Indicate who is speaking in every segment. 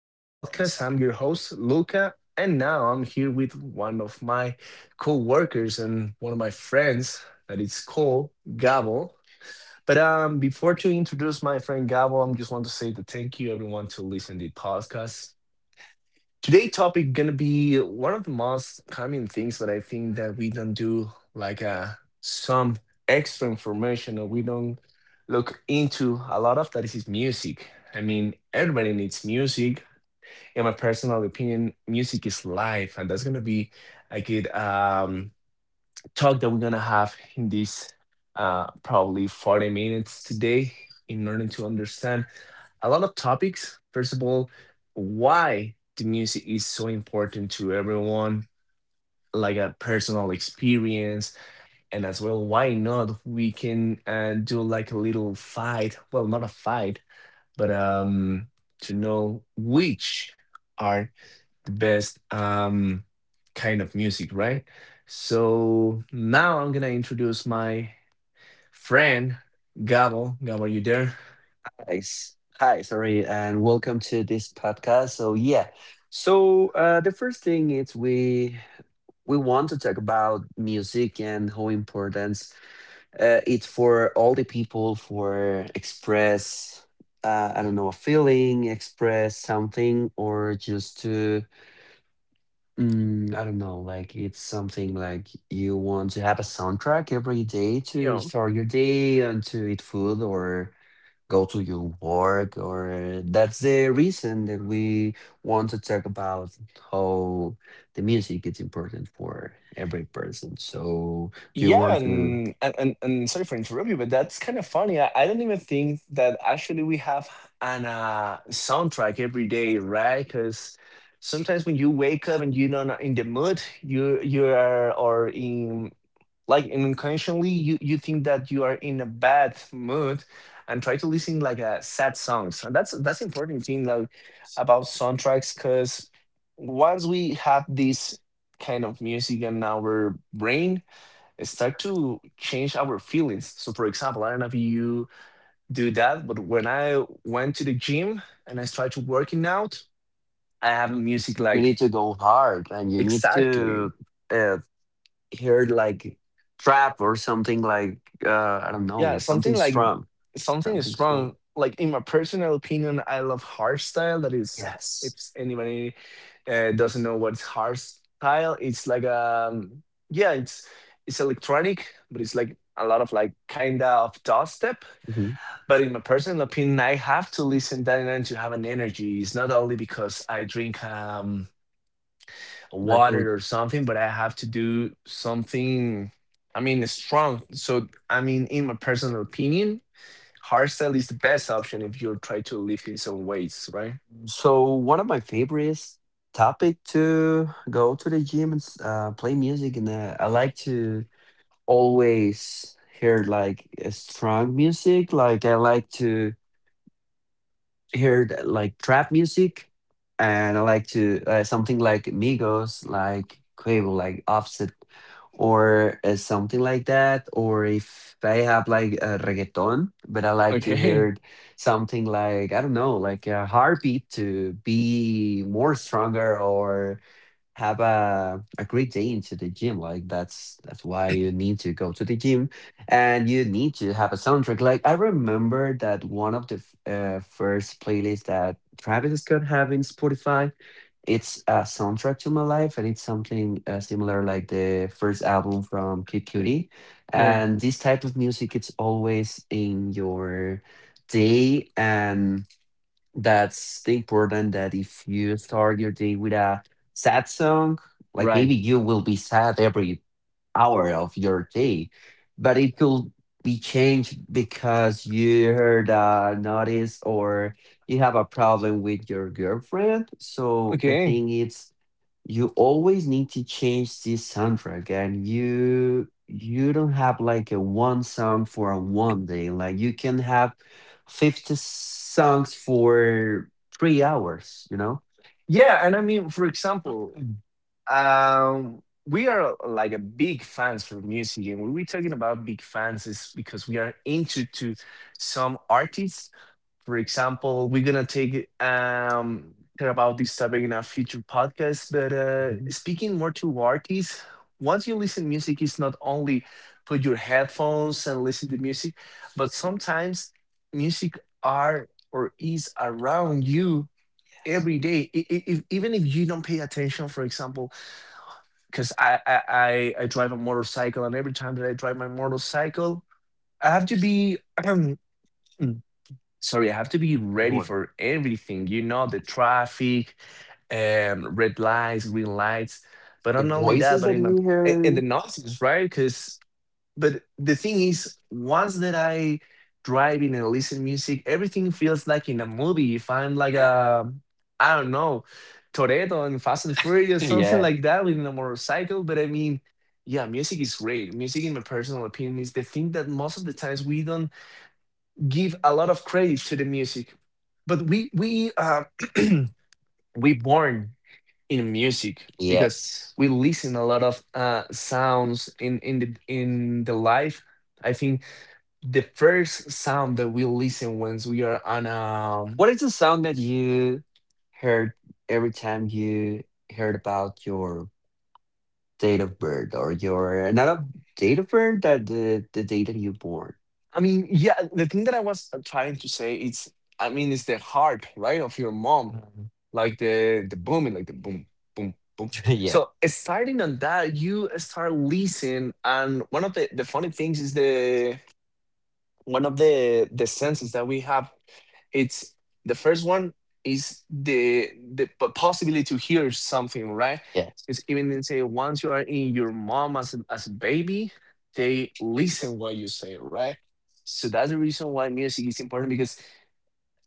Speaker 1: this podcast. I'm your host, Luca, and now I'm here with one of my co workers and one of my friends that is called Gabo. But before to introduce my friend Gabo, I am just want to say that thank you, everyone, to listen to the podcast. Today topic gonna be one of the most common things that I think that we don't do like some extra information or we don't look into a lot of that is music. I mean, everybody needs music. In my personal opinion, music is life, and that's gonna be a good talk that we're gonna have in this probably 40 minutes today in order to understand a lot of topics. First of all, why the music is so important to everyone, like a personal experience, and as well, why not we can do like a little fight. Well, not a fight, but to know which are the best kind of music, right? So now I'm gonna introduce my friend Gabo. Gabo, are you there?
Speaker 2: Guys, hi, sorry, and welcome to this podcast. So yeah, the first thing is we want to talk about music and how important it's for all the people for express I don't know, a feeling, express something, or just to I don't know, like it's something like you want to have a soundtrack every day to start your day and to eat food or go to your work. Or that's the reason that we want to talk about how the music is important for every person. So you
Speaker 1: Yeah,
Speaker 2: want to,
Speaker 1: and sorry for interrupting you, but that's kind of funny. I don't even think that actually we have an soundtrack every day, right? Because sometimes when you wake up and you're not in the mood, you are or in like unconsciously you think that you are in a bad mood and try to listen like a sad songs. And that's important thing like about soundtracks because once we have this kind of music in our brain start to change our feelings. So, for example, I don't know if you do that, but when I went to the gym and I started working out, I have music
Speaker 2: you need to
Speaker 1: like
Speaker 2: go hard and you need
Speaker 1: exactly,
Speaker 2: to uh, hear like trap or something like, I don't know,
Speaker 1: yeah, something
Speaker 2: something
Speaker 1: like
Speaker 2: strong.
Speaker 1: something is
Speaker 2: So
Speaker 1: wrong. Like in my personal opinion, I love hardstyle. That is, if
Speaker 2: yes.
Speaker 1: anybody doesn't know what's hardstyle, it's like yeah, it's electronic, but it's like a lot of like kind of dubstep.
Speaker 2: Mhm.
Speaker 1: But in my personal opinion, I have to listen that and to have an energy. It's not only because I drink
Speaker 2: Like
Speaker 1: water or something, but I have to do something. I mean, strong. So I mean, in my personal opinion, hardstyle is the best option if you try to lift in some weights, right?
Speaker 2: so one of my favorites topic to go to the gym and play music and I like to always hear like a strong music. Like I like to hear the, like trap music, and I like to, something like Migos, like Quavo, like Offset, or something like that. Or if I have like a reggaeton, but I like to
Speaker 1: Okay.
Speaker 2: hear something like, I don't know, like a heartbeat to be more stronger or have a great day into the gym. Like that's why you need to go to the gym, and you need to have a soundtrack. Like I remember that one of the first playlists that Travis Scott have in Spotify. It's a soundtrack to my life, and it's something similar like the first album from Kid Cudi.
Speaker 1: Yeah.
Speaker 2: And this type of music, it's always in your day, and that's the important that if you start your day with a sad song, like
Speaker 1: Right.
Speaker 2: maybe you will be sad every hour of your day, but it could be changed because you heard a notice or you have a problem with your girlfriend. So the
Speaker 1: Okay.
Speaker 2: thing is you always need to change this soundtrack, and you don't have like a one song for a one day. Like you can have 50 songs for 3 hours, you know,
Speaker 1: Yeah, and I mean, for
Speaker 2: about.
Speaker 1: example, we are like a big fans of music, and when we're talking about big fans, is because we are into to some artists. For example, we're gonna take care about this topic in our future podcast. But
Speaker 2: Mhm.
Speaker 1: speaking more to artists, once you listen music, it's not only put your headphones and listen to music, but sometimes music are or is around you every day. If, even if you don't pay attention, for example because I drive a motorcycle, and every time that I drive my motorcycle, I have to be um, sorry, I have to be ready for everything. You know, the traffic, red lights, green lights, but not only that,
Speaker 2: Voices
Speaker 1: but
Speaker 2: that
Speaker 1: in my
Speaker 2: you hear.
Speaker 1: in and the noise, right? Because but the thing is, once that I driving and listen music, everything feels like in a movie. If I'm like a, I don't know, Toretto and Fast and Furious, something
Speaker 2: Yeah,
Speaker 1: like that, with a motorcycle. But I mean, yeah, music is great. Music, in my personal opinion, is the thing that most of the times we don't give a lot of credit to the music, but we we born in music
Speaker 2: yes.
Speaker 1: because we listen a lot of sounds in the life. I think the first sound that we listen when we are on
Speaker 2: What is the song that you heard every time you heard about your date of birth, or your not a date of birth, the day that you born.
Speaker 1: I mean, yeah, the thing that I was trying to say is, I mean, it's the heart, right, of your mom,
Speaker 2: Um,
Speaker 1: like the booming, like the boom, boom, boom.
Speaker 2: yeah,
Speaker 1: So starting on that, you start listening, and one of the funny things is the one of the senses that we have it's the first one is the possibility to hear something, right?
Speaker 2: yeah.
Speaker 1: It's even they say once you are in your mom as a baby they listen what you say, right? So that's the reason why music is important because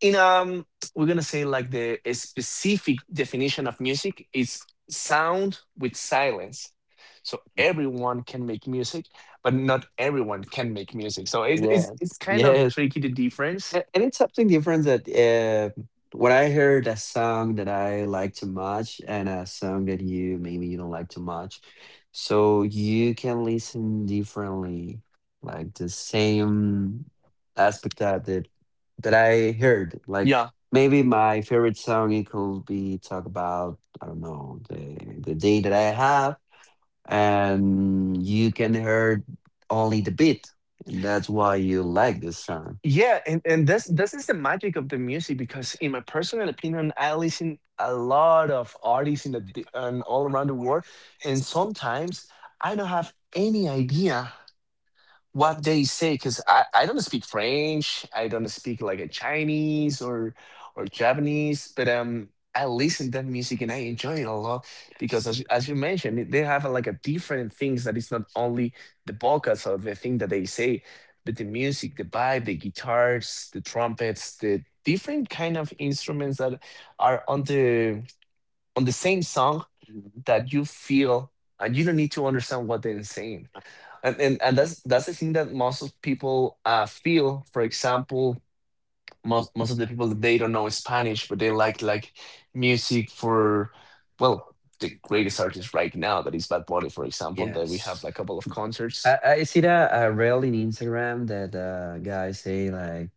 Speaker 1: in we're gonna say like the a specific definition of music is sound with silence, so everyone can make music but not everyone can make music, so it, it's
Speaker 2: Yes,
Speaker 1: it's kind of
Speaker 2: yes.
Speaker 1: tricky the difference.
Speaker 2: And it's something different that when I heard a song that I like too much and a song that you, maybe you don't like too much, so you can listen differently, like the same aspect that I heard. Like maybe my favorite song, it could be talk about, I don't know, the day that I have, and you can hear only the beat, and that's why you like this song.
Speaker 1: Yeah, and this this is the magic of the music because in my personal opinion, I listen a lot of artists in the and all around the world, and sometimes I don't have any idea what they say because I don't speak french, I don't speak like a chinese or japanese but I listen to that music and I enjoy it a lot because as, as you mentioned they have like a different things that it's not only the vocals or the thing that they say but the music, the vibe, the guitars, the trumpets, the different kind of instruments that are on the same song that you feel and you don't need to understand what they're saying, and, and that's the thing that most of people feel. For example, most of the people that they don't know Spanish, but they like music for, well, the greatest artist right now that is Bad Bunny, for example. That we have
Speaker 2: Yes.
Speaker 1: like a couple of concerts.
Speaker 2: I see that rarely in Instagram that guys say like,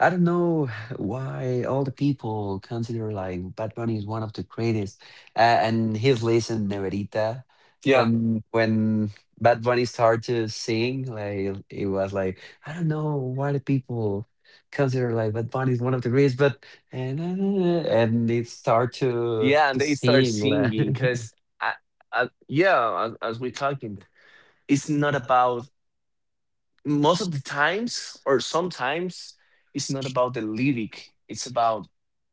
Speaker 2: I don't know why all the people consider like Bad Bunny is one of the greatest, and his list in Neverita.
Speaker 1: Yeah,
Speaker 2: When Bad Bunny started to sing, like it was like, I don't know why the people consider like Bad Bunny is one of the greatest, but, and it start to
Speaker 1: yeah,
Speaker 2: to
Speaker 1: and they start
Speaker 2: sing like.
Speaker 1: singing because, I, I, yeah, as we're talking, it's not about most of the times or sometimes it's not about the lyric. It's about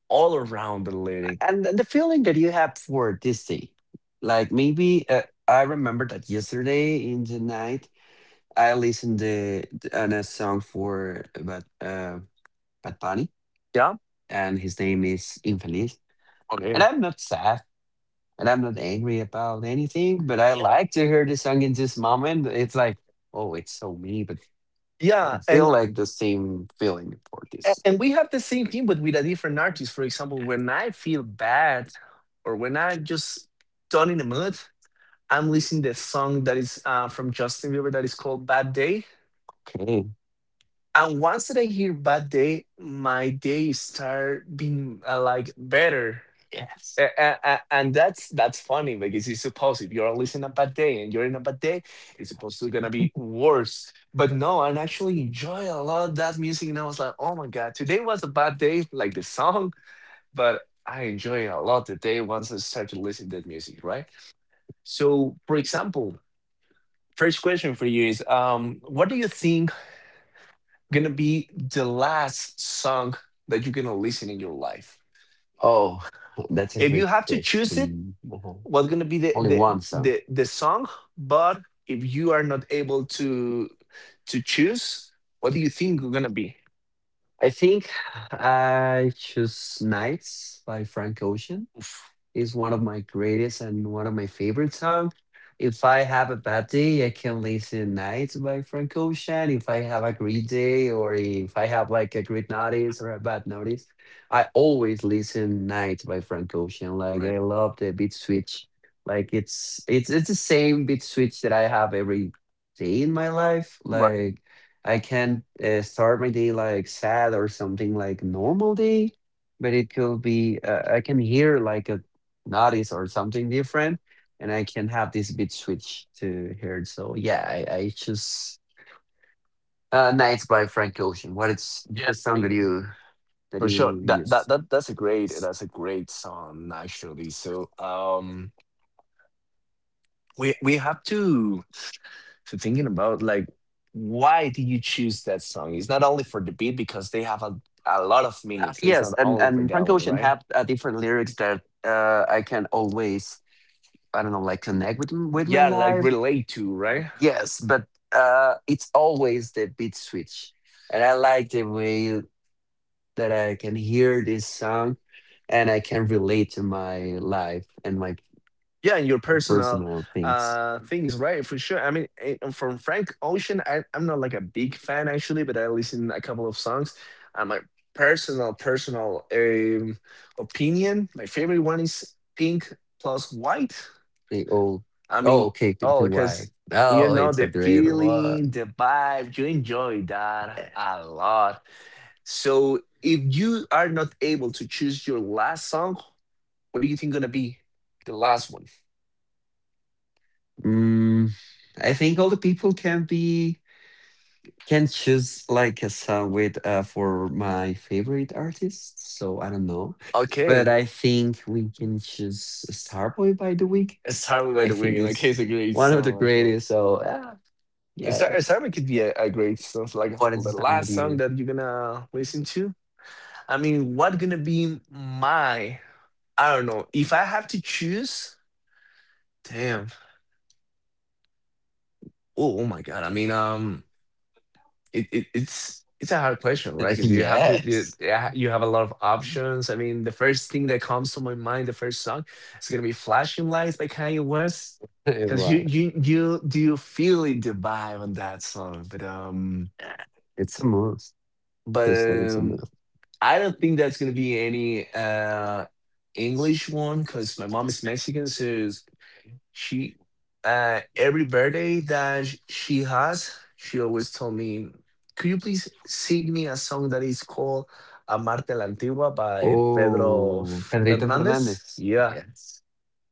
Speaker 1: all around the lyric.
Speaker 2: And the feeling that you have for this day, like maybe I remember that yesterday in the night I listened to on a song for, but Bad Bunny,
Speaker 1: Yeah.
Speaker 2: and his name is infeliz,
Speaker 1: Okay.
Speaker 2: and I'm not sad and I'm not angry about anything, but I like to hear the song in this moment. It's like, oh, it's so me, but I
Speaker 1: Yeah,
Speaker 2: don't
Speaker 1: and
Speaker 2: feel like the same feeling for this.
Speaker 1: and we have the same thing, but with a different artist. For example, when I feel bad or when I'm just not in the mood, I'm listening the song that is from Justin Bieber that is called "Bad Day."
Speaker 2: Okay.
Speaker 1: And once that I hear "Bad Day," my day start being like better. And that's funny because it's supposed if you're listening a bad day and you're in a bad day, it's supposed to gonna be worse. But no, I actually enjoy a lot of that music, and I was like, oh my god, today was a bad day, like the song, but I enjoy a lot the day once I start to listen to that music, right? So, for example, first question for you is, what do you think gonna be the last song that you're gonna listen in your life?
Speaker 2: Oh,
Speaker 1: Oh,
Speaker 2: that's a
Speaker 1: if
Speaker 2: great
Speaker 1: you have to choose it,
Speaker 2: question.
Speaker 1: what's going to be the,
Speaker 2: Only
Speaker 1: the
Speaker 2: one song.
Speaker 1: the the song, but if you are not able to choose, what do you think it's going to be?
Speaker 2: I think I choose Nights by Frank Ocean.
Speaker 1: Oof.
Speaker 2: Is one of my greatest and one of my favorite songs. If I have a bad day, I can listen Nights by Frank Ocean. If I have a great day or if I have like a great notice or a bad notice, I always listen Nights by Frank Ocean. Like
Speaker 1: Right.
Speaker 2: I love the beat switch. Like it's the same beat switch that I have every day in my life.
Speaker 1: Right.
Speaker 2: Like I can start my day like sad or something like normal day, but it could be, I can hear like a notice or something different, and I can have this beat switch to here. So yeah, I choose Nights by Frank Ocean. What is
Speaker 1: Yeah,
Speaker 2: the
Speaker 1: I
Speaker 2: song that
Speaker 1: mean
Speaker 2: you, that
Speaker 1: for sure
Speaker 2: you
Speaker 1: that, that
Speaker 2: use?
Speaker 1: that that's a great that's a great song actually, so we have to thinking about like why do you choose that song, it's not only for the beat because they have a lot of meanings so it's
Speaker 2: Yes,
Speaker 1: not
Speaker 2: and
Speaker 1: only for
Speaker 2: and
Speaker 1: that
Speaker 2: Frank
Speaker 1: one,
Speaker 2: Ocean
Speaker 1: right?
Speaker 2: have different lyrics that I can always, I don't know, like connect with my
Speaker 1: Yeah, like
Speaker 2: life.
Speaker 1: relate to, right?
Speaker 2: Yes, but uh, it's always the beat switch, and I like the way that I can hear this song, and I can relate to my life and my
Speaker 1: Yeah, and your personal
Speaker 2: personal things.
Speaker 1: things, right? For sure, I mean from frank ocean I, I'm not like a big fan actually but I listen a couple of songs, my personal opinion my favorite one is pink plus white,
Speaker 2: They all.
Speaker 1: I
Speaker 2: Oh
Speaker 1: mean,
Speaker 2: okay,
Speaker 1: oh
Speaker 2: countrywide.
Speaker 1: because you
Speaker 2: Oh,
Speaker 1: know
Speaker 2: it's a
Speaker 1: the
Speaker 2: great
Speaker 1: feeling
Speaker 2: one.
Speaker 1: the vibe you enjoy that a lot, so if you are not able to choose your last song, what do you think gonna be the last one?
Speaker 2: Mm, I think all the people can be, can choose like a song with for my favorite artist. So I don't know,
Speaker 1: Okay.
Speaker 2: but I think we can choose Starboy by the Week.
Speaker 1: It's Tyler by
Speaker 2: I
Speaker 1: the
Speaker 2: think
Speaker 1: Weeknd. Like he's
Speaker 2: it's
Speaker 1: a great
Speaker 2: one of the
Speaker 1: song right here.
Speaker 2: greatest. So
Speaker 1: It's
Speaker 2: yeah.
Speaker 1: Tyler could be a great song. So, like
Speaker 2: What is
Speaker 1: the
Speaker 2: the song with
Speaker 1: last song
Speaker 2: you?
Speaker 1: that you're gonna listen to. I mean, what gonna be my? I don't know. If I have to choose, damn. Oh, oh my god. I mean, it's a hard question, right? Because you have to you,
Speaker 2: Yes,
Speaker 1: yeah, you have a lot of options. I mean, the first thing that comes to my mind, the first song, is gonna be "Flashing Lights" by Kanye West.
Speaker 2: it
Speaker 1: Because you
Speaker 2: was.
Speaker 1: you you do you feel it, the vibe on that song, but um,
Speaker 2: It's a must.
Speaker 1: but
Speaker 2: It's like it's a
Speaker 1: um,
Speaker 2: must.
Speaker 1: I don't think that's gonna be any English one because my mom is Mexican, so she every birthday that she has, she always told me, "Could you please sing me a song that is called Amarte la Antigua by Pedro Pedrito
Speaker 2: Oh,
Speaker 1: Fernandez?"
Speaker 2: Pedrito Fernández.
Speaker 1: Fernandez. Yeah.
Speaker 2: Yeah.
Speaker 1: Yes.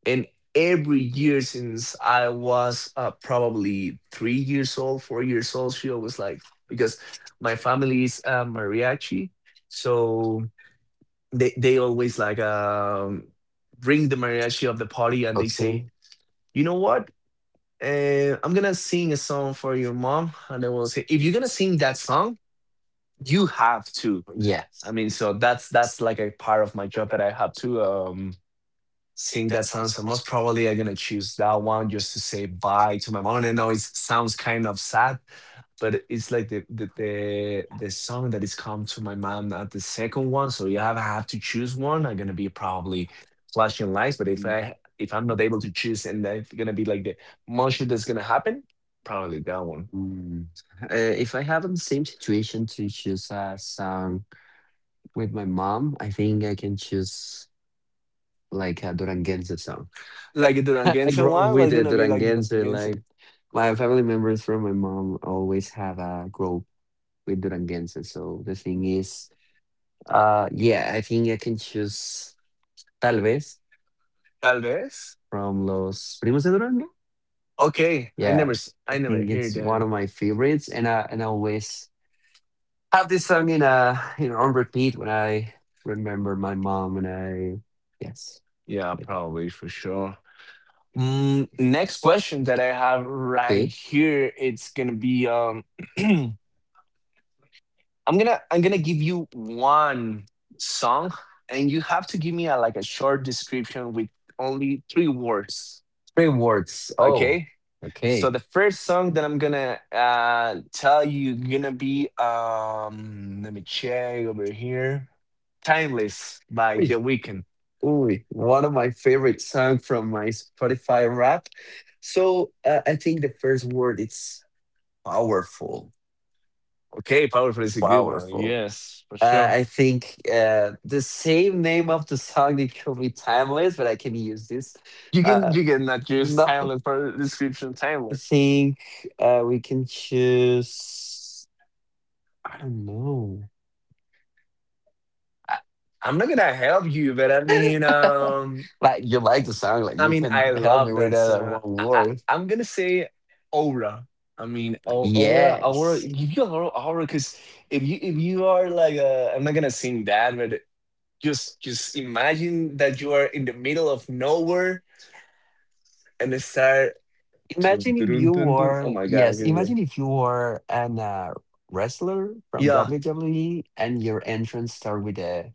Speaker 1: And every year since I was probably 3 years old, 4 years old, she always like, because my family is mariachi, so they always like, bring the mariachi of the party, and they
Speaker 2: Okay.
Speaker 1: say, you know what? And I'm gonna sing a song for your mom, and I will say, if you're gonna sing that song, you have to.
Speaker 2: Yeah.
Speaker 1: I mean, so that's like a part of my job that I have to sing that song. So most probably I'm gonna choose that one just to say bye to my mom. And I know it sounds kind of sad, but it's like the song that is come to my mind at the second one. So you have I have to choose one. I'm gonna be probably flashing lights. But if I'm not able to choose and that's gonna be like the most shit that's gonna happen, probably that one.
Speaker 2: Mm. If I have the same situation to choose a song with my mom, I think I can choose like a Duranguense song.
Speaker 1: Like the
Speaker 2: I
Speaker 1: Duranguense
Speaker 2: grow up
Speaker 1: one,
Speaker 2: with
Speaker 1: like
Speaker 2: the
Speaker 1: gonna be like
Speaker 2: Duranguense.
Speaker 1: Duranguense.
Speaker 2: Like my family members from my mom always have a group with Duranguense. So the thing is, yeah, I think I can choose Tal vez
Speaker 1: Tal vez.
Speaker 2: from Los Primos de Durango.
Speaker 1: Okay, I
Speaker 2: Yeah,
Speaker 1: never
Speaker 2: I
Speaker 1: I never
Speaker 2: think
Speaker 1: hear
Speaker 2: it's
Speaker 1: that.
Speaker 2: one of my favorites, and I, and I always have this song in, uh, you know, on repeat when I remember my mom and I, yes.
Speaker 1: Yeah,
Speaker 2: Wait,
Speaker 1: probably for sure. Mm, next question that I have right
Speaker 2: okay.
Speaker 1: here, it's gonna be I'm I'm gonna give you one song and you have to give me a like a short description with only three words.
Speaker 2: Three words, oh.
Speaker 1: Okay? So
Speaker 2: Okay.
Speaker 1: the first song that I'm gonna tell you gonna be let me check over here. Timeless by
Speaker 2: Ooh,
Speaker 1: The Weeknd.
Speaker 2: ooh, one of my favorite song from my Spotify rap. So I think the first word it's powerful. Okay,
Speaker 1: Okay, powerful is
Speaker 2: it's
Speaker 1: a good one.
Speaker 2: powerful.
Speaker 1: Yes, for sure.
Speaker 2: I think the same name of the song, it could be timeless, but I can use this.
Speaker 1: You can
Speaker 2: Uh,
Speaker 1: you can not use
Speaker 2: no,
Speaker 1: timeless for description
Speaker 2: I
Speaker 1: timeless.
Speaker 2: think we can choose. I don't know.
Speaker 1: I, I'm not gonna help you, but I mean,
Speaker 2: Like you like the song, like
Speaker 1: I
Speaker 2: you
Speaker 1: mean, I
Speaker 2: can help me
Speaker 1: love
Speaker 2: with
Speaker 1: that
Speaker 2: that
Speaker 1: song.
Speaker 2: one word.
Speaker 1: I'm gonna say aura. I mean, aura, aura.
Speaker 2: Yes.
Speaker 1: Give you aura, aura, because if you are like, I'm not gonna sing that, but just imagine that you are in the middle of nowhere and it start. Dun,
Speaker 2: Imagine if
Speaker 1: dun,
Speaker 2: you
Speaker 1: dun, dun. Oh
Speaker 2: were,
Speaker 1: my god,
Speaker 2: yes.
Speaker 1: here we go.
Speaker 2: Imagine if you were an wrestler from
Speaker 1: Yeah.
Speaker 2: WWE and your entrance start with a,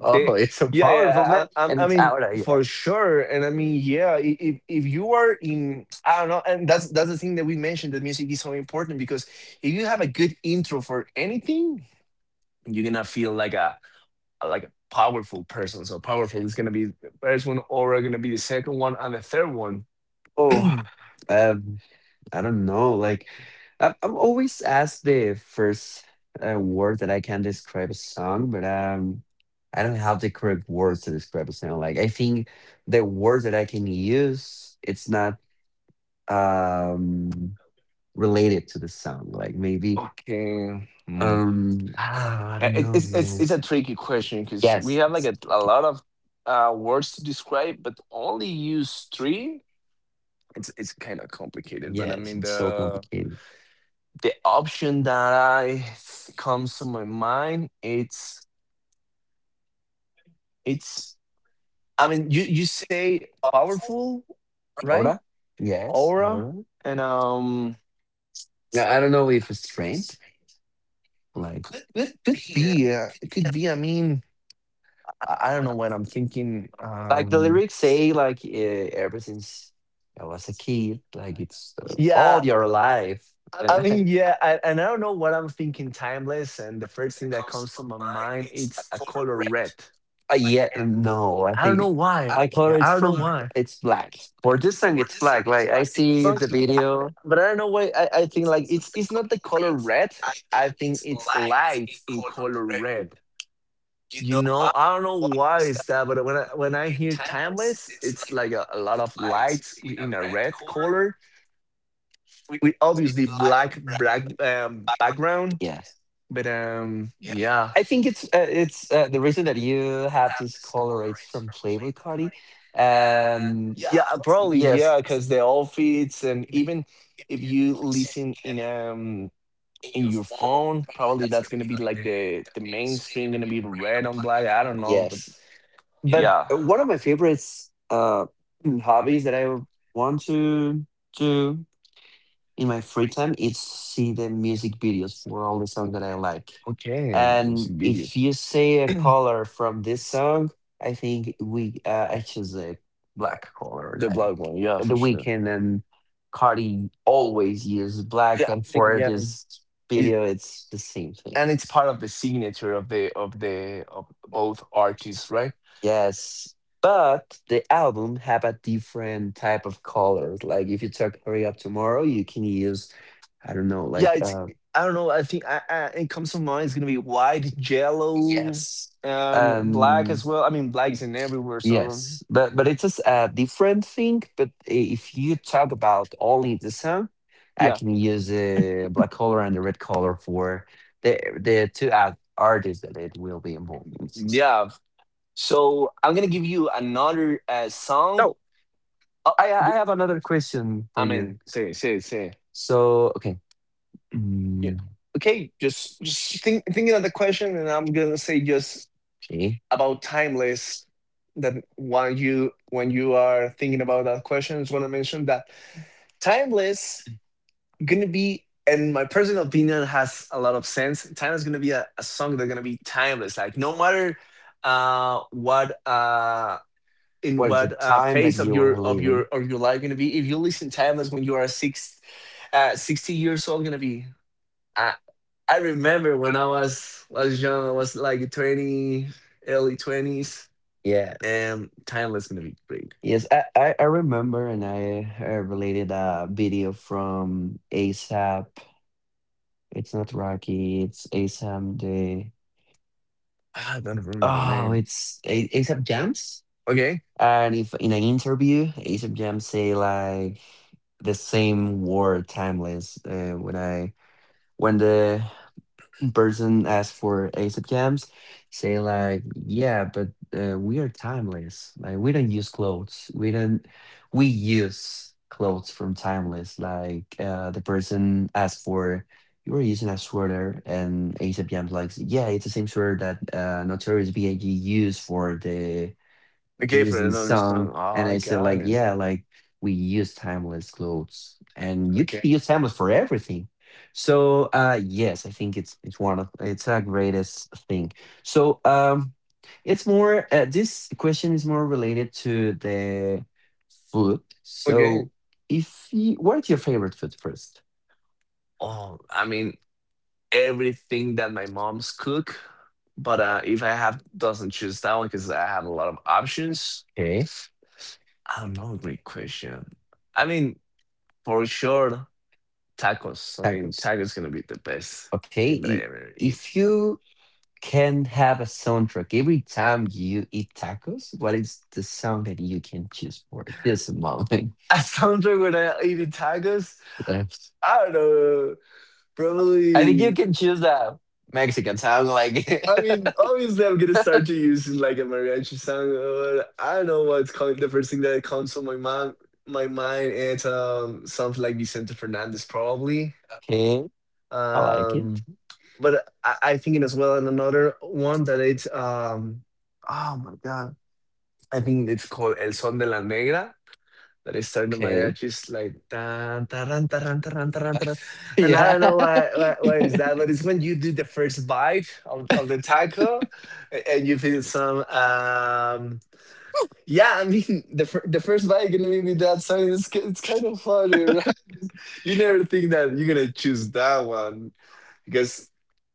Speaker 2: oh,
Speaker 1: Okay.
Speaker 2: it's so
Speaker 1: Yeah,
Speaker 2: powerful,
Speaker 1: yeah.
Speaker 2: man, and
Speaker 1: I
Speaker 2: it's
Speaker 1: mean,
Speaker 2: out of you.
Speaker 1: for sure. And I mean, yeah. If you are in, I don't know, and that's the thing that we mentioned. That music is so important because if you have a good intro for anything, you're gonna feel like a powerful person. So powerful is gonna be the first one, or gonna be the second one, and the third one.
Speaker 2: Oh,
Speaker 1: Okay.
Speaker 2: um, I don't know. Like, I'm always asked the first word that I can describe a song, but I don't have the correct words to describe a song. Like, I think the words that I can use, it's not um related to the song. Like, maybe
Speaker 1: Hmm.
Speaker 2: ah, I don't
Speaker 1: It,
Speaker 2: know, man.
Speaker 1: it's a tricky question because we
Speaker 2: Yes,
Speaker 1: have like a lot of words to describe, but only use three. It's kind of complicated, but I
Speaker 2: yes,
Speaker 1: mean
Speaker 2: it's so complicated.
Speaker 1: the option that I comes to my mind, it's I mean you say powerful, right?
Speaker 2: Laura? Yes,
Speaker 1: Aura
Speaker 2: Laura.
Speaker 1: and
Speaker 2: No, I don't know if it's trained. Like.
Speaker 1: could be it could be. I mean
Speaker 2: I
Speaker 1: I don't
Speaker 2: don't know
Speaker 1: know
Speaker 2: when I'm
Speaker 1: what I'm
Speaker 2: 15.
Speaker 1: thinking.
Speaker 2: I don't know. Like the lyrics say, like, eh, ever since I was a kid, like it's
Speaker 1: Yeah,
Speaker 2: all your life.
Speaker 1: I
Speaker 2: And I-
Speaker 1: mean, yeah, and I don't know what I'm thinking. Timeless, and the first thing that comes to my mind it's a color red.
Speaker 2: yeah, no, I
Speaker 1: I don't
Speaker 2: think
Speaker 1: know why.
Speaker 2: my
Speaker 1: I don't know
Speaker 2: color it's
Speaker 1: why.
Speaker 2: from, it's black. For
Speaker 1: For
Speaker 2: this
Speaker 1: this
Speaker 2: song,
Speaker 1: song
Speaker 2: it's
Speaker 1: it's
Speaker 2: black.
Speaker 1: black.
Speaker 2: Like
Speaker 1: This
Speaker 2: I
Speaker 1: song is
Speaker 2: see the
Speaker 1: black,
Speaker 2: video.
Speaker 1: but I don't know why I think like it's not the color red. I think it's lights in color red. You know, I don't know why is that, but when I hear timeless, it's like a lot of lights in a red color with obviously black black background.
Speaker 2: Yes,
Speaker 1: But yeah.
Speaker 2: I think it's the reason that you have this color. It's from Playboy Cardi, and
Speaker 1: Yeah, probably
Speaker 2: yes,
Speaker 1: yeah, because the outfits and even if you listen in your phone. Probably that's gonna be like the main screen gonna be red on black. I don't know, but
Speaker 2: yes. But
Speaker 1: yeah.
Speaker 2: one of my favorites hobbies that want to do in my free time is see the music videos for all the songs that I like.
Speaker 1: Okay, let me
Speaker 2: And
Speaker 1: see
Speaker 2: if
Speaker 1: videos.
Speaker 2: you say a color from this song, I think we, I choose a black color.
Speaker 1: The
Speaker 2: Like
Speaker 1: black one, yeah, for
Speaker 2: the
Speaker 1: sure.
Speaker 2: weekend and Cardi
Speaker 1: Oh,
Speaker 2: always use black,
Speaker 1: yeah,
Speaker 2: and
Speaker 1: I mean,
Speaker 2: for
Speaker 1: yeah,
Speaker 2: this
Speaker 1: it,
Speaker 2: video, it's the same thing.
Speaker 1: and it's part of the signature of the of the of both artists, right?
Speaker 2: Yes, but the album have a different type of colors. Like if you talk Hurry Up Tomorrow, you can use, I don't know, yeah,
Speaker 1: Yeah,
Speaker 2: like
Speaker 1: it's
Speaker 2: uh,
Speaker 1: I don't know. I think it comes to mind. It's gonna be white, yellow,
Speaker 2: yes.
Speaker 1: yes, and black
Speaker 2: Um,
Speaker 1: as well. I mean, black is in everywhere, so
Speaker 2: yes, but it's a a different thing, but if you talk about only the song, I
Speaker 1: yeah,
Speaker 2: can use the black color and the red color for the two ad artists that it will be involved. In.
Speaker 1: yeah. So I'm gonna give you another song.
Speaker 2: So
Speaker 1: Oh,
Speaker 2: I I have another question for
Speaker 1: I
Speaker 2: you.
Speaker 1: mean, say, say, say. S-
Speaker 2: So okay.
Speaker 1: yeah.
Speaker 2: Mm,
Speaker 1: Okay, just think, thinking of the question, and I'm gonna say just
Speaker 2: okay.
Speaker 1: about timeless. That when you are thinking about that question, I just want to mention that timeless gonna be, and my personal opinion has a lot of sense. Timeless gonna be a song that's gonna be timeless. Like no matter what in
Speaker 2: Was the
Speaker 1: what
Speaker 2: time that
Speaker 1: phase of
Speaker 2: you
Speaker 1: your
Speaker 2: were
Speaker 1: of your
Speaker 2: leaving.
Speaker 1: of your life gonna be if you listen timeless when you are six 60 years old gonna be i I remember when I was young I was like 20, early 20s,
Speaker 2: Yes.
Speaker 1: and timeless gonna be great.
Speaker 2: Yes, I remember and I related a video from ASAP. It's not Rocky, it's ASAP the,
Speaker 1: Ah, I don't remember the
Speaker 2: oh,
Speaker 1: name.
Speaker 2: it's ASAP Jams.
Speaker 1: Okay.
Speaker 2: And if in an interview ASAP Jams say like the same word timeless when I, when the person asks for ASAP Jams, say like, yeah, but we are timeless. Like we don't use clothes. We don't. We use clothes from timeless. Like the person asked for. You were using a sweater, and ASAP Jam's like, yeah, it's the same sweater that Notorious B.I.G. used for the like it
Speaker 1: Okay,
Speaker 2: was
Speaker 1: for another
Speaker 2: song,
Speaker 1: song, oh
Speaker 2: and I
Speaker 1: I
Speaker 2: said
Speaker 1: got
Speaker 2: like,
Speaker 1: it.
Speaker 2: yeah, like we use timeless clothes, and you can
Speaker 1: Okay.
Speaker 2: use timeless for everything. So yes, I think it's one of it's a greatest thing. So it's more this question is more related to the food.
Speaker 1: Okay,
Speaker 2: So if you- what's your favorite food first?
Speaker 1: oh I mean, everything that my mom's cook, but if I have doesn't choose that one because I have a lot of options.
Speaker 2: Okay,
Speaker 1: I don't know. Great question. I mean, for sure, tacos. I mean,
Speaker 2: tacos.
Speaker 1: tacos gonna be the best
Speaker 2: okay
Speaker 1: thing that I
Speaker 2: i-
Speaker 1: ever eat.
Speaker 2: if you can have a soundtrack, every time you eat tacos, what is the song that you can choose for this moment?
Speaker 1: I sound like when I eat tacos. I don't know.
Speaker 2: I think you
Speaker 1: Probably.
Speaker 2: can choose a Mexican sound, like it.
Speaker 1: I mean, obviously, I'm gonna start to use like a mariachi song. Or I don't know what's coming. The first thing that comes to my mind, it's something like Vicente Fernandez, probably.
Speaker 2: Okay, I like it.
Speaker 1: Um, but I thinking as well, and another one that it's oh my god, I think it's called El Son de la Negra. Then they start the
Speaker 2: Okay.
Speaker 1: mariachis like tan taran taran taran taran taran, and I
Speaker 2: Yeah.
Speaker 1: don't know why is that, but it's when you do the first bite of the taco, and you feel some yeah. I mean the the first bite gonna be with that song. It's it's kind of funny, right? You never think that you're gonna choose that one because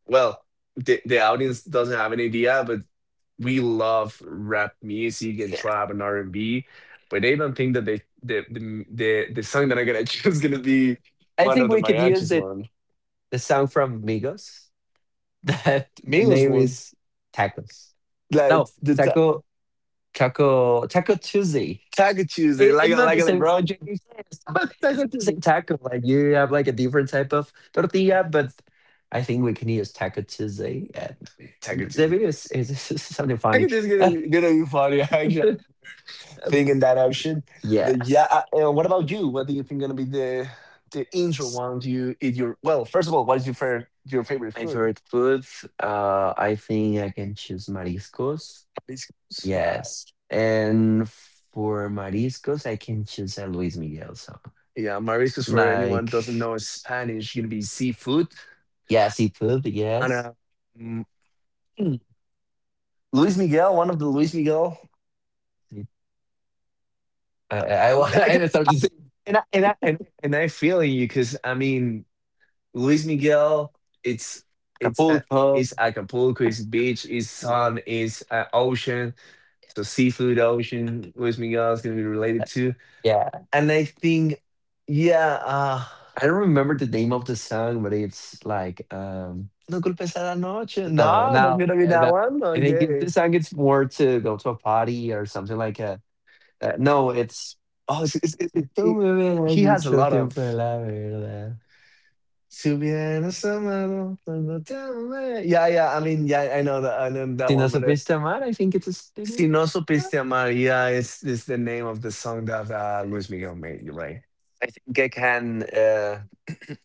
Speaker 1: well the audience doesn't have an idea, but we love rap music and trap and R and B, but they don't think that they, the song that I'm gonna choose is gonna be
Speaker 2: I
Speaker 1: one
Speaker 2: think
Speaker 1: of the
Speaker 2: we could use
Speaker 1: mariachis
Speaker 2: it,
Speaker 1: one,
Speaker 2: the song from Migos that the
Speaker 1: Migos
Speaker 2: name
Speaker 1: ones,
Speaker 2: is Tacos.
Speaker 1: like
Speaker 2: No,
Speaker 1: the ta-
Speaker 2: Taco Taco Taco Tuesday.
Speaker 1: Taco Tuesday,
Speaker 2: It, it's not the
Speaker 1: like
Speaker 2: same
Speaker 1: LeBron
Speaker 2: concept,
Speaker 1: James,
Speaker 2: yes, but it's not
Speaker 1: Taco
Speaker 2: the same
Speaker 1: Tuesday,
Speaker 2: taco. Like you have like a different type of tortilla, but I think we can use Taco Tuesday. And
Speaker 1: Taco
Speaker 2: the
Speaker 1: Tuesday.
Speaker 2: video is is something funny.
Speaker 1: Taco Tuesday is gonna gonna be funny. I actually thinking that option. But
Speaker 2: Yes,
Speaker 1: yeah, and what about you? What do you think gonna be the intro one? Do you eat your well? First of all, what is your favorite
Speaker 2: my
Speaker 1: food?
Speaker 2: favorite food. I think I can choose mariscos.
Speaker 1: What is-
Speaker 2: Yes, and for mariscos, I can choose a Luis Miguel song.
Speaker 1: Yeah, mariscos for anyone who
Speaker 2: Like,
Speaker 1: doesn't know is Spanish, gonna be seafood.
Speaker 2: yeah, seafood.
Speaker 1: And
Speaker 2: Yes,
Speaker 1: mm, mm, Luis Miguel, one of the Luis Miguel.
Speaker 2: I I,
Speaker 1: I,
Speaker 2: I,
Speaker 1: like- I, ca-
Speaker 2: I started to say
Speaker 1: and, and I feel you because I mean Luis Miguel, it's it's uh,
Speaker 2: Acapulco.
Speaker 1: it's Acapulco, it's beach, it's sun, it's ocean, so seafood, ocean. Luis Miguel is gonna be related to,
Speaker 2: Yeah.
Speaker 1: and I think yeah.
Speaker 2: I don't remember the name of the song, but it's like
Speaker 1: No culpes a la noche.
Speaker 2: no,
Speaker 1: No, no
Speaker 2: now
Speaker 1: quiero be that
Speaker 2: that
Speaker 1: one.
Speaker 2: I think it,
Speaker 1: Okay.
Speaker 2: the song it's more to go to a party or something like a no, it's
Speaker 1: Oh, it's it it
Speaker 2: "Tú
Speaker 1: it
Speaker 2: me verás
Speaker 1: he has a
Speaker 2: mucho
Speaker 1: lot
Speaker 2: tiempo,
Speaker 1: of
Speaker 2: la verdad."
Speaker 1: "Si hubieras amado cuando te amé". Yeah, yeah, I mean, yeah, I know that
Speaker 2: Si no
Speaker 1: one, but,
Speaker 2: supiste amar, I think it's a
Speaker 1: "Si
Speaker 2: student.
Speaker 1: no supiste amar" yeah, is the name of the song that, Luis Miguel made, you're right.
Speaker 2: I think I can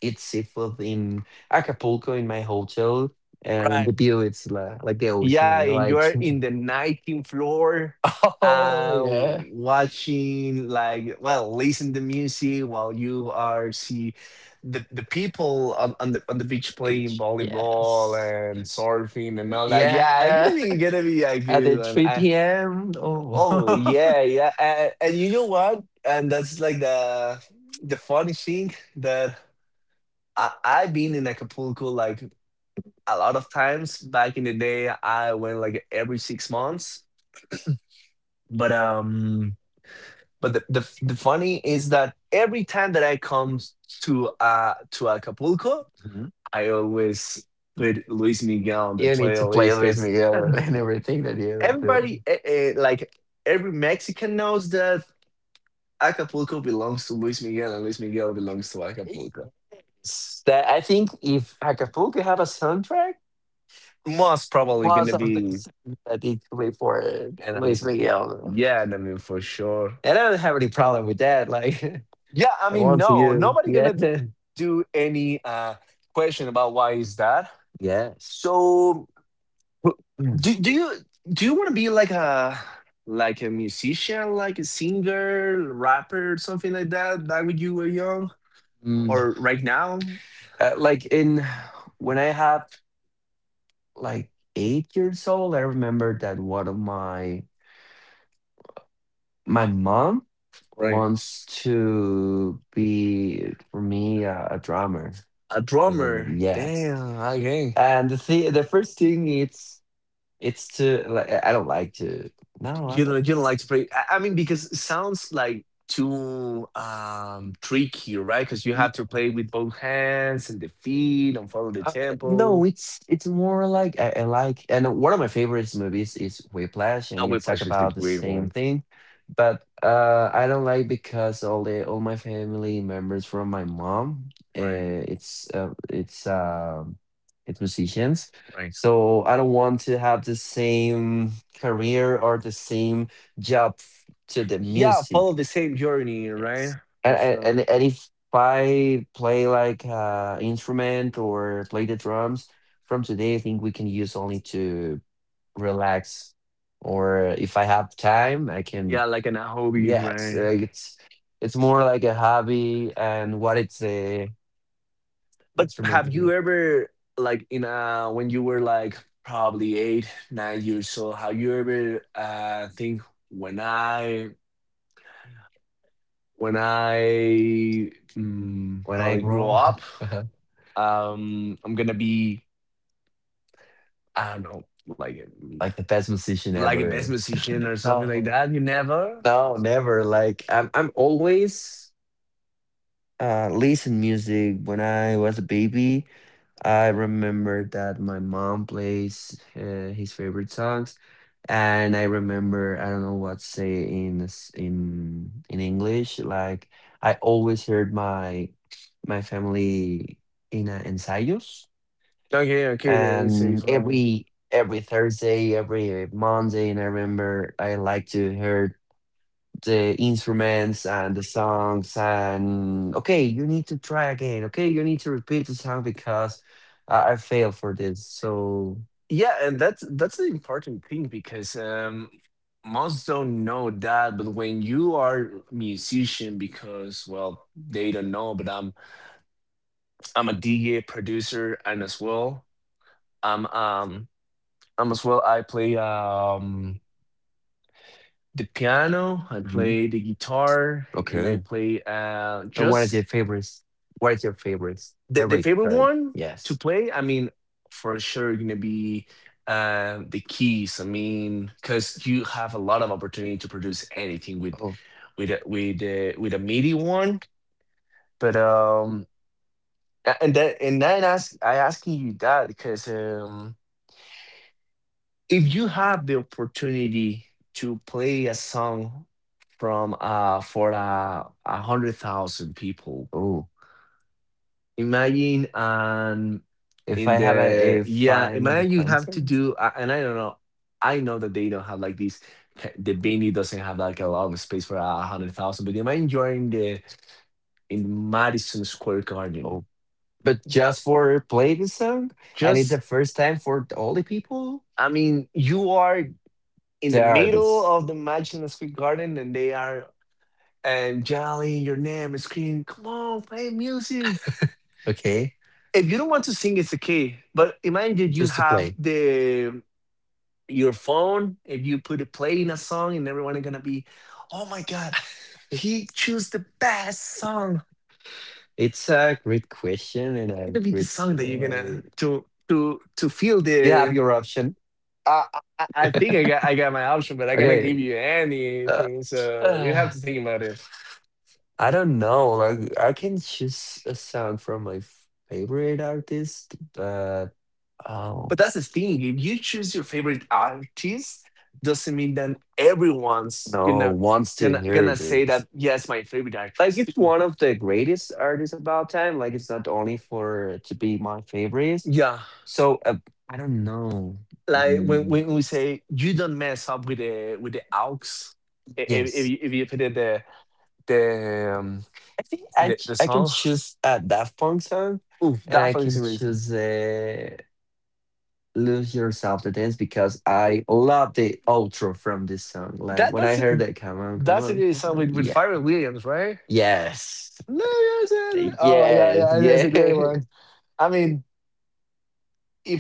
Speaker 2: eat seafood in Acapulco in my hotel, and the view it's like the
Speaker 1: Yeah,
Speaker 2: ocean.
Speaker 1: and
Speaker 2: Like,
Speaker 1: you're in the 19th floor,
Speaker 2: oh yeah,
Speaker 1: watching like well, listen to music while you are see the people on the beach playing
Speaker 2: yeah,
Speaker 1: volleyball and surfing and all that. Yeah, it's
Speaker 2: yeah,
Speaker 1: gonna be a
Speaker 2: at
Speaker 1: good
Speaker 2: the
Speaker 1: one.
Speaker 2: 3 p.m.
Speaker 1: Oh
Speaker 2: Oh,
Speaker 1: yeah, yeah, and you know what? And that's like the funny thing that I've been in Acapulco like a lot of times back in the day I went like every 6 months but um but the funny is that every time that I come to Acapulco
Speaker 2: mhm.
Speaker 1: I always put Luis Miguel on the
Speaker 2: You need to play
Speaker 1: playlist
Speaker 2: with
Speaker 1: because
Speaker 2: me and everything that you have to.
Speaker 1: everybody like every Mexican knows that Acapulco belongs to Luis Miguel and Luis Miguel belongs to Acapulco.
Speaker 2: It's
Speaker 1: S-
Speaker 2: that I think if Acapulco have a soundtrack,
Speaker 1: most probably gonna
Speaker 2: most of the
Speaker 1: be
Speaker 2: time that it play for
Speaker 1: and I mean
Speaker 2: Luis Miguel,
Speaker 1: yeah and I mean for sure.
Speaker 2: and I don't have any problem with that. Like
Speaker 1: Yeah, I
Speaker 2: I
Speaker 1: mean,
Speaker 2: want to
Speaker 1: no,
Speaker 2: you,
Speaker 1: nobody
Speaker 2: yeah,
Speaker 1: gonna do any question about why is that.
Speaker 2: yes.
Speaker 1: So, do do you do you want to be like a musician, like a singer, rapper, something like that? Back when you were young,
Speaker 2: Mm.
Speaker 1: or right now,
Speaker 2: Like in when I had like 8 years old, I remember that one of my- my mom
Speaker 1: right.
Speaker 2: wants to be, for me, a drummer. A
Speaker 1: A
Speaker 2: drummer.
Speaker 1: drummer?
Speaker 2: Yes,
Speaker 1: Damn, okay.
Speaker 2: and the first thing it's to, like, I don't like to, no, I
Speaker 1: You know,
Speaker 2: don't
Speaker 1: you don't like to play. I mean, because it sounds like too tricky, right? Because you
Speaker 2: to.
Speaker 1: have to play with both hands and the feet and follow the tempo.
Speaker 2: No, it's more like, I like, and one of my favorite movies is Whiplash,
Speaker 1: I
Speaker 2: and it's talk
Speaker 1: Whiplash is a
Speaker 2: about the
Speaker 1: great
Speaker 2: same
Speaker 1: one.
Speaker 2: thing. But I don't like because all my family members from my mom, uh,
Speaker 1: Right,
Speaker 2: it's uh, it's uh, it's musicians,
Speaker 1: right.
Speaker 2: so I don't want to have the same career or the same job to the
Speaker 1: Yeah,
Speaker 2: music.
Speaker 1: follow the same journey, right?
Speaker 2: And
Speaker 1: For
Speaker 2: and
Speaker 1: sure.
Speaker 2: and and if I play like instrument or play the drums from today, I think we can use only to relax. Or if I have time, I, yeah, can.
Speaker 1: Yeah, like in a hobby,
Speaker 2: Yes,
Speaker 1: right?
Speaker 2: it's more like a hobby, and what it's
Speaker 1: But have you ever, like, in a when you were like probably eight, 9 years old, have you ever think when I when I
Speaker 2: when I
Speaker 1: probably grow
Speaker 2: grow
Speaker 1: up,
Speaker 2: up,
Speaker 1: I'm gonna be I don't know, like.
Speaker 2: like the best musician
Speaker 1: Like a
Speaker 2: ever.
Speaker 1: best musician or something like
Speaker 2: No,
Speaker 1: that. You never.
Speaker 2: no, never. Like I'm always listen music when I was a baby. I remember that my mom plays his favorite songs, and I remember I don't know what to say in English. Like I always heard my family in ensayos,
Speaker 1: Okay, okay, let me say as
Speaker 2: and
Speaker 1: well.
Speaker 2: every Thursday, every Monday, and I remember I like to hear the instruments and the songs, and okay you need to try again, okay you need to repeat the song because I failed for this, so
Speaker 1: Yeah, and that's an important thing because most don't know that, but when you are a musician, because well, they don't know, but I'm a DJ producer and as well I'm um I'm as well I play the piano, I play
Speaker 2: mhm.
Speaker 1: the guitar, and I
Speaker 2: Okay,
Speaker 1: play
Speaker 2: and
Speaker 1: just
Speaker 2: what are your favorites,
Speaker 1: the
Speaker 2: favorite,
Speaker 1: favorite
Speaker 2: sorry.
Speaker 1: one to
Speaker 2: Yes.
Speaker 1: play, I mean, for sure, gonna be the keys. I mean, because you have a lot of opportunity to produce anything with
Speaker 2: Oh.
Speaker 1: with a MIDI one. But and I ask I asking you that because if you have the opportunity to play a song from for 100,000 people.
Speaker 2: Oh,
Speaker 1: Imagine in the
Speaker 2: if
Speaker 1: yeah,
Speaker 2: I'm in a
Speaker 1: imagine you have to
Speaker 2: concert.
Speaker 1: and I don't know. I know that they don't have like the Benny doesn't have like a lot of space for 100,000, but imagine you're in the in Madison Square Garden.
Speaker 2: Oh, but just for play this song, and it's the
Speaker 1: Just
Speaker 2: first time for all the people,
Speaker 1: I mean, you are in
Speaker 2: the
Speaker 1: the middle
Speaker 2: artists.
Speaker 1: of the Madison Square Garden and they are and yelling your name and screaming, come on, play music.
Speaker 2: Okay,
Speaker 1: If you don't want to sing, it's okay. But imagine that you
Speaker 2: to
Speaker 1: have
Speaker 2: play.
Speaker 1: the your phone, if you put it playing a song and everyone are gonna be, oh my god, he chose the best song,
Speaker 2: It's a great question and
Speaker 1: it's
Speaker 2: a
Speaker 1: gonna be the
Speaker 2: great
Speaker 1: song that you're gonna
Speaker 2: story.
Speaker 1: to feel
Speaker 2: You have
Speaker 1: the
Speaker 2: your option.
Speaker 1: I, I think I got my option, but I cannot
Speaker 2: Okay.
Speaker 1: give you
Speaker 2: Uh,
Speaker 1: anything, so you
Speaker 2: uh,
Speaker 1: have to think about it.
Speaker 2: I don't know. Like I can choose a song from my favorite artist, but oh, but
Speaker 1: But that's the
Speaker 2: that's if
Speaker 1: thing:
Speaker 2: you
Speaker 1: if you
Speaker 2: choose
Speaker 1: choose
Speaker 2: your
Speaker 1: your
Speaker 2: favorite
Speaker 1: favorite
Speaker 2: artist,
Speaker 1: artist,
Speaker 2: doesn't
Speaker 1: doesn't mean
Speaker 2: mean that
Speaker 1: that
Speaker 2: everyone,
Speaker 1: everyone's
Speaker 2: no,
Speaker 1: gonna
Speaker 2: wants to
Speaker 1: gonna
Speaker 2: hear
Speaker 1: gonna
Speaker 2: it.
Speaker 1: say that, yes, my favorite
Speaker 2: Like
Speaker 1: artist.
Speaker 2: it's one of the greatest artists about time. Like it's not only for to be my favorite.
Speaker 1: Yeah,
Speaker 2: So I don't know.
Speaker 1: like when,
Speaker 2: Mm,
Speaker 1: when we say you don't mess up with the aux.
Speaker 2: yes.
Speaker 1: If you put it the the um,
Speaker 2: Think I
Speaker 1: the,
Speaker 2: c-
Speaker 1: the
Speaker 2: I can
Speaker 1: song.
Speaker 2: choose a Daft Punk song,
Speaker 1: Ooh,
Speaker 2: and
Speaker 1: that
Speaker 2: I
Speaker 1: for
Speaker 2: can
Speaker 1: some reason
Speaker 2: choose "Lose Yourself" to dance because I love the outro from this song. Like
Speaker 1: that
Speaker 2: when I
Speaker 1: that's
Speaker 2: heard that, come on, come
Speaker 1: that's a
Speaker 2: on,
Speaker 1: good song with
Speaker 2: yeah,
Speaker 1: Pharrell Williams, right?
Speaker 2: yes,
Speaker 1: No, yes, yes, yes. Oh yeah,
Speaker 2: yes,
Speaker 1: yeah, that's a great
Speaker 2: yeah.
Speaker 1: one. I mean,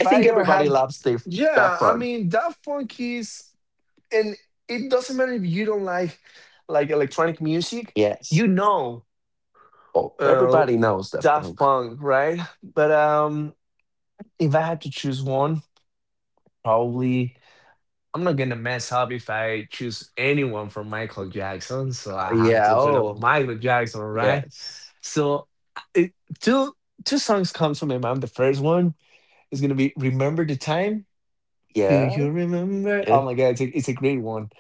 Speaker 2: I
Speaker 1: I
Speaker 2: think
Speaker 1: don't
Speaker 2: everybody
Speaker 1: have that,
Speaker 2: loves the Daft
Speaker 1: yeah, I
Speaker 2: Punk.
Speaker 1: mean that funk is, and it doesn't matter if you don't like electronic music,
Speaker 2: Yes,
Speaker 1: you know.
Speaker 2: oh,
Speaker 1: uh,
Speaker 2: everybody knows Daft
Speaker 1: Daft
Speaker 2: Punk.
Speaker 1: Punk, right? But if I had to choose one, probably I'm not gonna mess up if I choose anyone from Michael Jackson, so I have
Speaker 2: Yeah.
Speaker 1: to put up
Speaker 2: Oh,
Speaker 1: Michael Jackson, right?
Speaker 2: yes.
Speaker 1: So I- it, two two songs comes to my mind. The first one is gonna be "Remember the Time." Yeah. Do
Speaker 2: Yeah,
Speaker 1: you remember?
Speaker 2: yeah.
Speaker 1: Oh my god, it's a great one.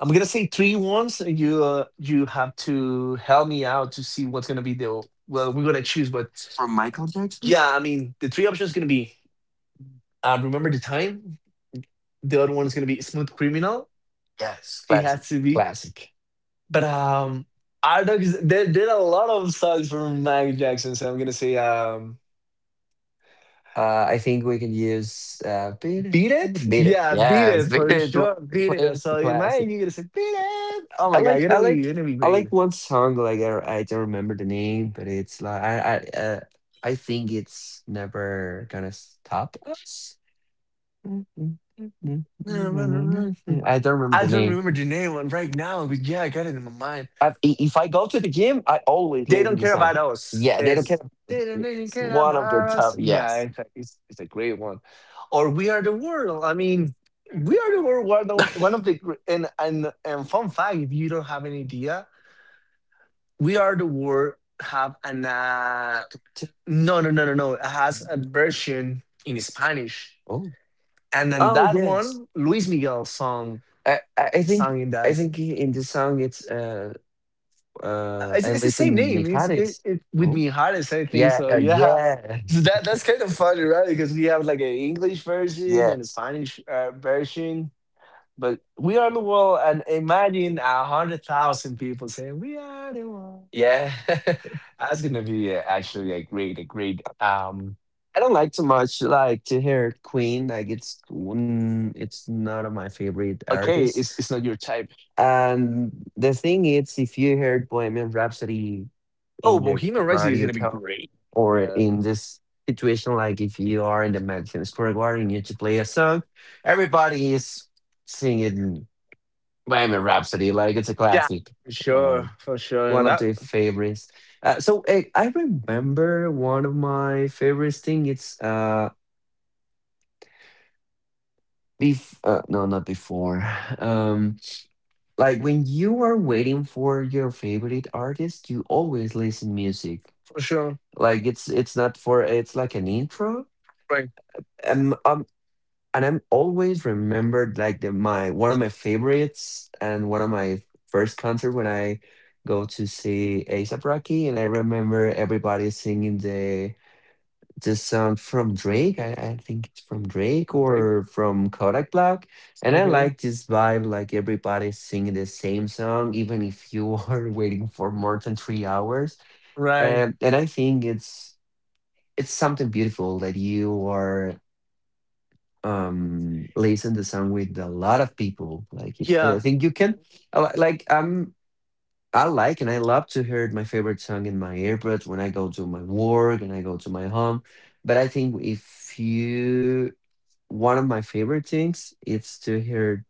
Speaker 1: I'm gonna say three ones, and you you have to help me out to see what's gonna be the, well, we're gonna choose. But
Speaker 2: From Michael Jackson. Yeah.
Speaker 1: yeah, I mean the three options gonna be "Remember the Time," the other one is gonna be Smooth Criminal.
Speaker 2: Yes.
Speaker 1: Yes. It
Speaker 2: Classic.
Speaker 1: has to be.
Speaker 2: Classic.
Speaker 1: But I don't know. There are a lot of songs from Michael Jackson, so I'm gonna say,
Speaker 2: I think we can use Beat
Speaker 1: "Beat It."
Speaker 2: It, Beat It.
Speaker 1: Yeah, "Beat It,"
Speaker 2: Yes,
Speaker 1: yes,
Speaker 2: Beat
Speaker 1: for
Speaker 2: It is one of
Speaker 1: sure.
Speaker 2: the
Speaker 1: "Beat It." So
Speaker 2: classic, classic.
Speaker 1: imagine you're gonna say "Beat It." Oh
Speaker 2: I
Speaker 1: my god,
Speaker 2: like,
Speaker 1: you're
Speaker 2: I
Speaker 1: gonna be,
Speaker 2: like,
Speaker 1: you're gonna be
Speaker 2: I
Speaker 1: great.
Speaker 2: like one song. Like I don't remember the name, but it's like I, uh, I think it's never gonna stop us. I don't remember
Speaker 1: I
Speaker 2: the
Speaker 1: don't
Speaker 2: name.
Speaker 1: remember the name one right now, but yeah, I got it in my mind.
Speaker 2: If I go to the gym, I always
Speaker 1: They
Speaker 2: leave
Speaker 1: don't
Speaker 2: the
Speaker 1: care
Speaker 2: song.
Speaker 1: about us.
Speaker 2: Yeah, they don't care.
Speaker 1: It's, they don't really
Speaker 2: It's
Speaker 1: care
Speaker 2: one of the
Speaker 1: about us.
Speaker 2: top.
Speaker 1: Yeah,
Speaker 2: Yes.
Speaker 1: it's a, it's, it's a great one. Or we are the world. I mean, we are the world. One of the gr- and fun fact, if you don't have any idea, we are the world. Have an
Speaker 2: To-
Speaker 1: no no no no no. It has a version in Spanish,
Speaker 2: Oh.
Speaker 1: and then
Speaker 2: Oh,
Speaker 1: that
Speaker 2: yes.
Speaker 1: one, Luis Miguel song,
Speaker 2: I, I I think
Speaker 1: sang in
Speaker 2: I
Speaker 1: that.
Speaker 2: think in the song it's I
Speaker 1: It's the
Speaker 2: listen
Speaker 1: same name. It's it,
Speaker 2: Mijares,
Speaker 1: it with
Speaker 2: no?
Speaker 1: Mijares, I think.
Speaker 2: Yeah,
Speaker 1: So yeah,
Speaker 2: yeah,
Speaker 1: so that's kind of funny, right? Because we have like an English version
Speaker 2: yeah,
Speaker 1: and a Spanish version. But we are the world, and imagine 100,000 people saying we are the world.
Speaker 2: yeah.
Speaker 1: That's gonna be actually a great, a great.
Speaker 2: I don't like too much like to hear Queen. Like it's one, it's not of my favorite
Speaker 1: Okay, it's
Speaker 2: artists.
Speaker 1: not your type.
Speaker 2: And the thing is, if you heard Bohemian Rhapsody
Speaker 1: Oh,
Speaker 2: in your
Speaker 1: Bohemian Rhapsody is
Speaker 2: radio
Speaker 1: gonna be
Speaker 2: car
Speaker 1: great.
Speaker 2: or
Speaker 1: Yeah,
Speaker 2: in this situation, like if you are in the Madison Square Garden, you need to play a song, everybody is singing. Bohemian Rhapsody, like it's a
Speaker 1: yeah,
Speaker 2: classic. Um,
Speaker 1: for sure,
Speaker 2: One
Speaker 1: and
Speaker 2: of
Speaker 1: that
Speaker 2: the favorites. So, I remember one of my favorites thing. It's no, not before. Um, like when you are waiting for your favorite artist, you always listen music.
Speaker 1: for sure.
Speaker 2: Like it's not for it's like an intro.
Speaker 1: Right,
Speaker 2: Um, And I'm always remembered like the my one of my favorites and one of my first concert when I go to see ASAP Rocky, and I remember everybody singing the song from Drake. I think it's from Drake
Speaker 1: right,
Speaker 2: or from Kodak Black. And I
Speaker 1: okay,
Speaker 2: like this vibe, like everybody singing the same song, even if you are waiting for more than 3 hours.
Speaker 1: right.
Speaker 2: And I think it's something beautiful that you are listen the song with a lot of people like I
Speaker 1: Yeah.
Speaker 2: think you can I li- like i'm I like and I love to hear my favorite song in my earbuds when I go to my work and I go to my home, but I think if you, one of my favorite things is to hear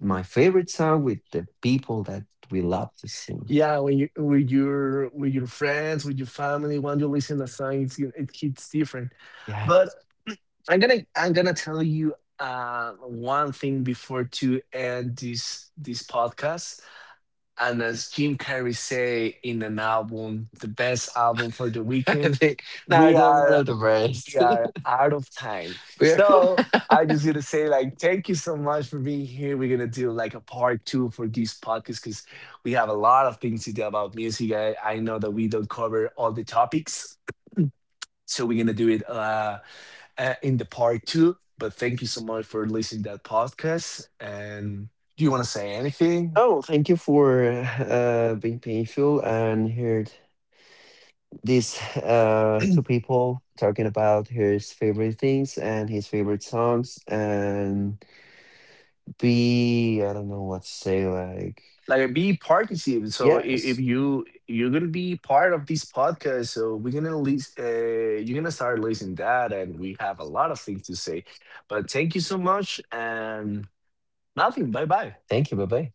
Speaker 2: my favorite song with the people that we love this thing.
Speaker 1: Yeah, when you with your friends, with your family, when you listen to songs, it hits different.
Speaker 2: Yeah.
Speaker 1: But I'm gonna tell you one thing before to end this podcast. And as Jim Carrey say in an album, the best album for the
Speaker 2: I
Speaker 1: weekend,
Speaker 2: think- no, I
Speaker 1: we
Speaker 2: don't want
Speaker 1: are
Speaker 2: to, the rest.
Speaker 1: we are out of time.
Speaker 2: We are.
Speaker 1: So I just gonna say like thank you so much for being here. We're gonna do like a part two for this podcast because we have a lot of things to do about music. I know that we don't cover all the topics, so we're gonna do it in the part two. But thank you so much for listening to that podcast. And do you want to say anything?
Speaker 2: Oh, thank you for being painful and here these two people talking about his favorite things and his favorite songs and be, I don't know what to say, like,
Speaker 1: Like be participative. So
Speaker 2: yeah.
Speaker 1: if you you're gonna be part of this podcast, so we're gonna list, you're gonna start listening that, and we have a lot of things to say. But thank you so much, and nothing. Bye bye.
Speaker 2: Thank you. Bye, bye.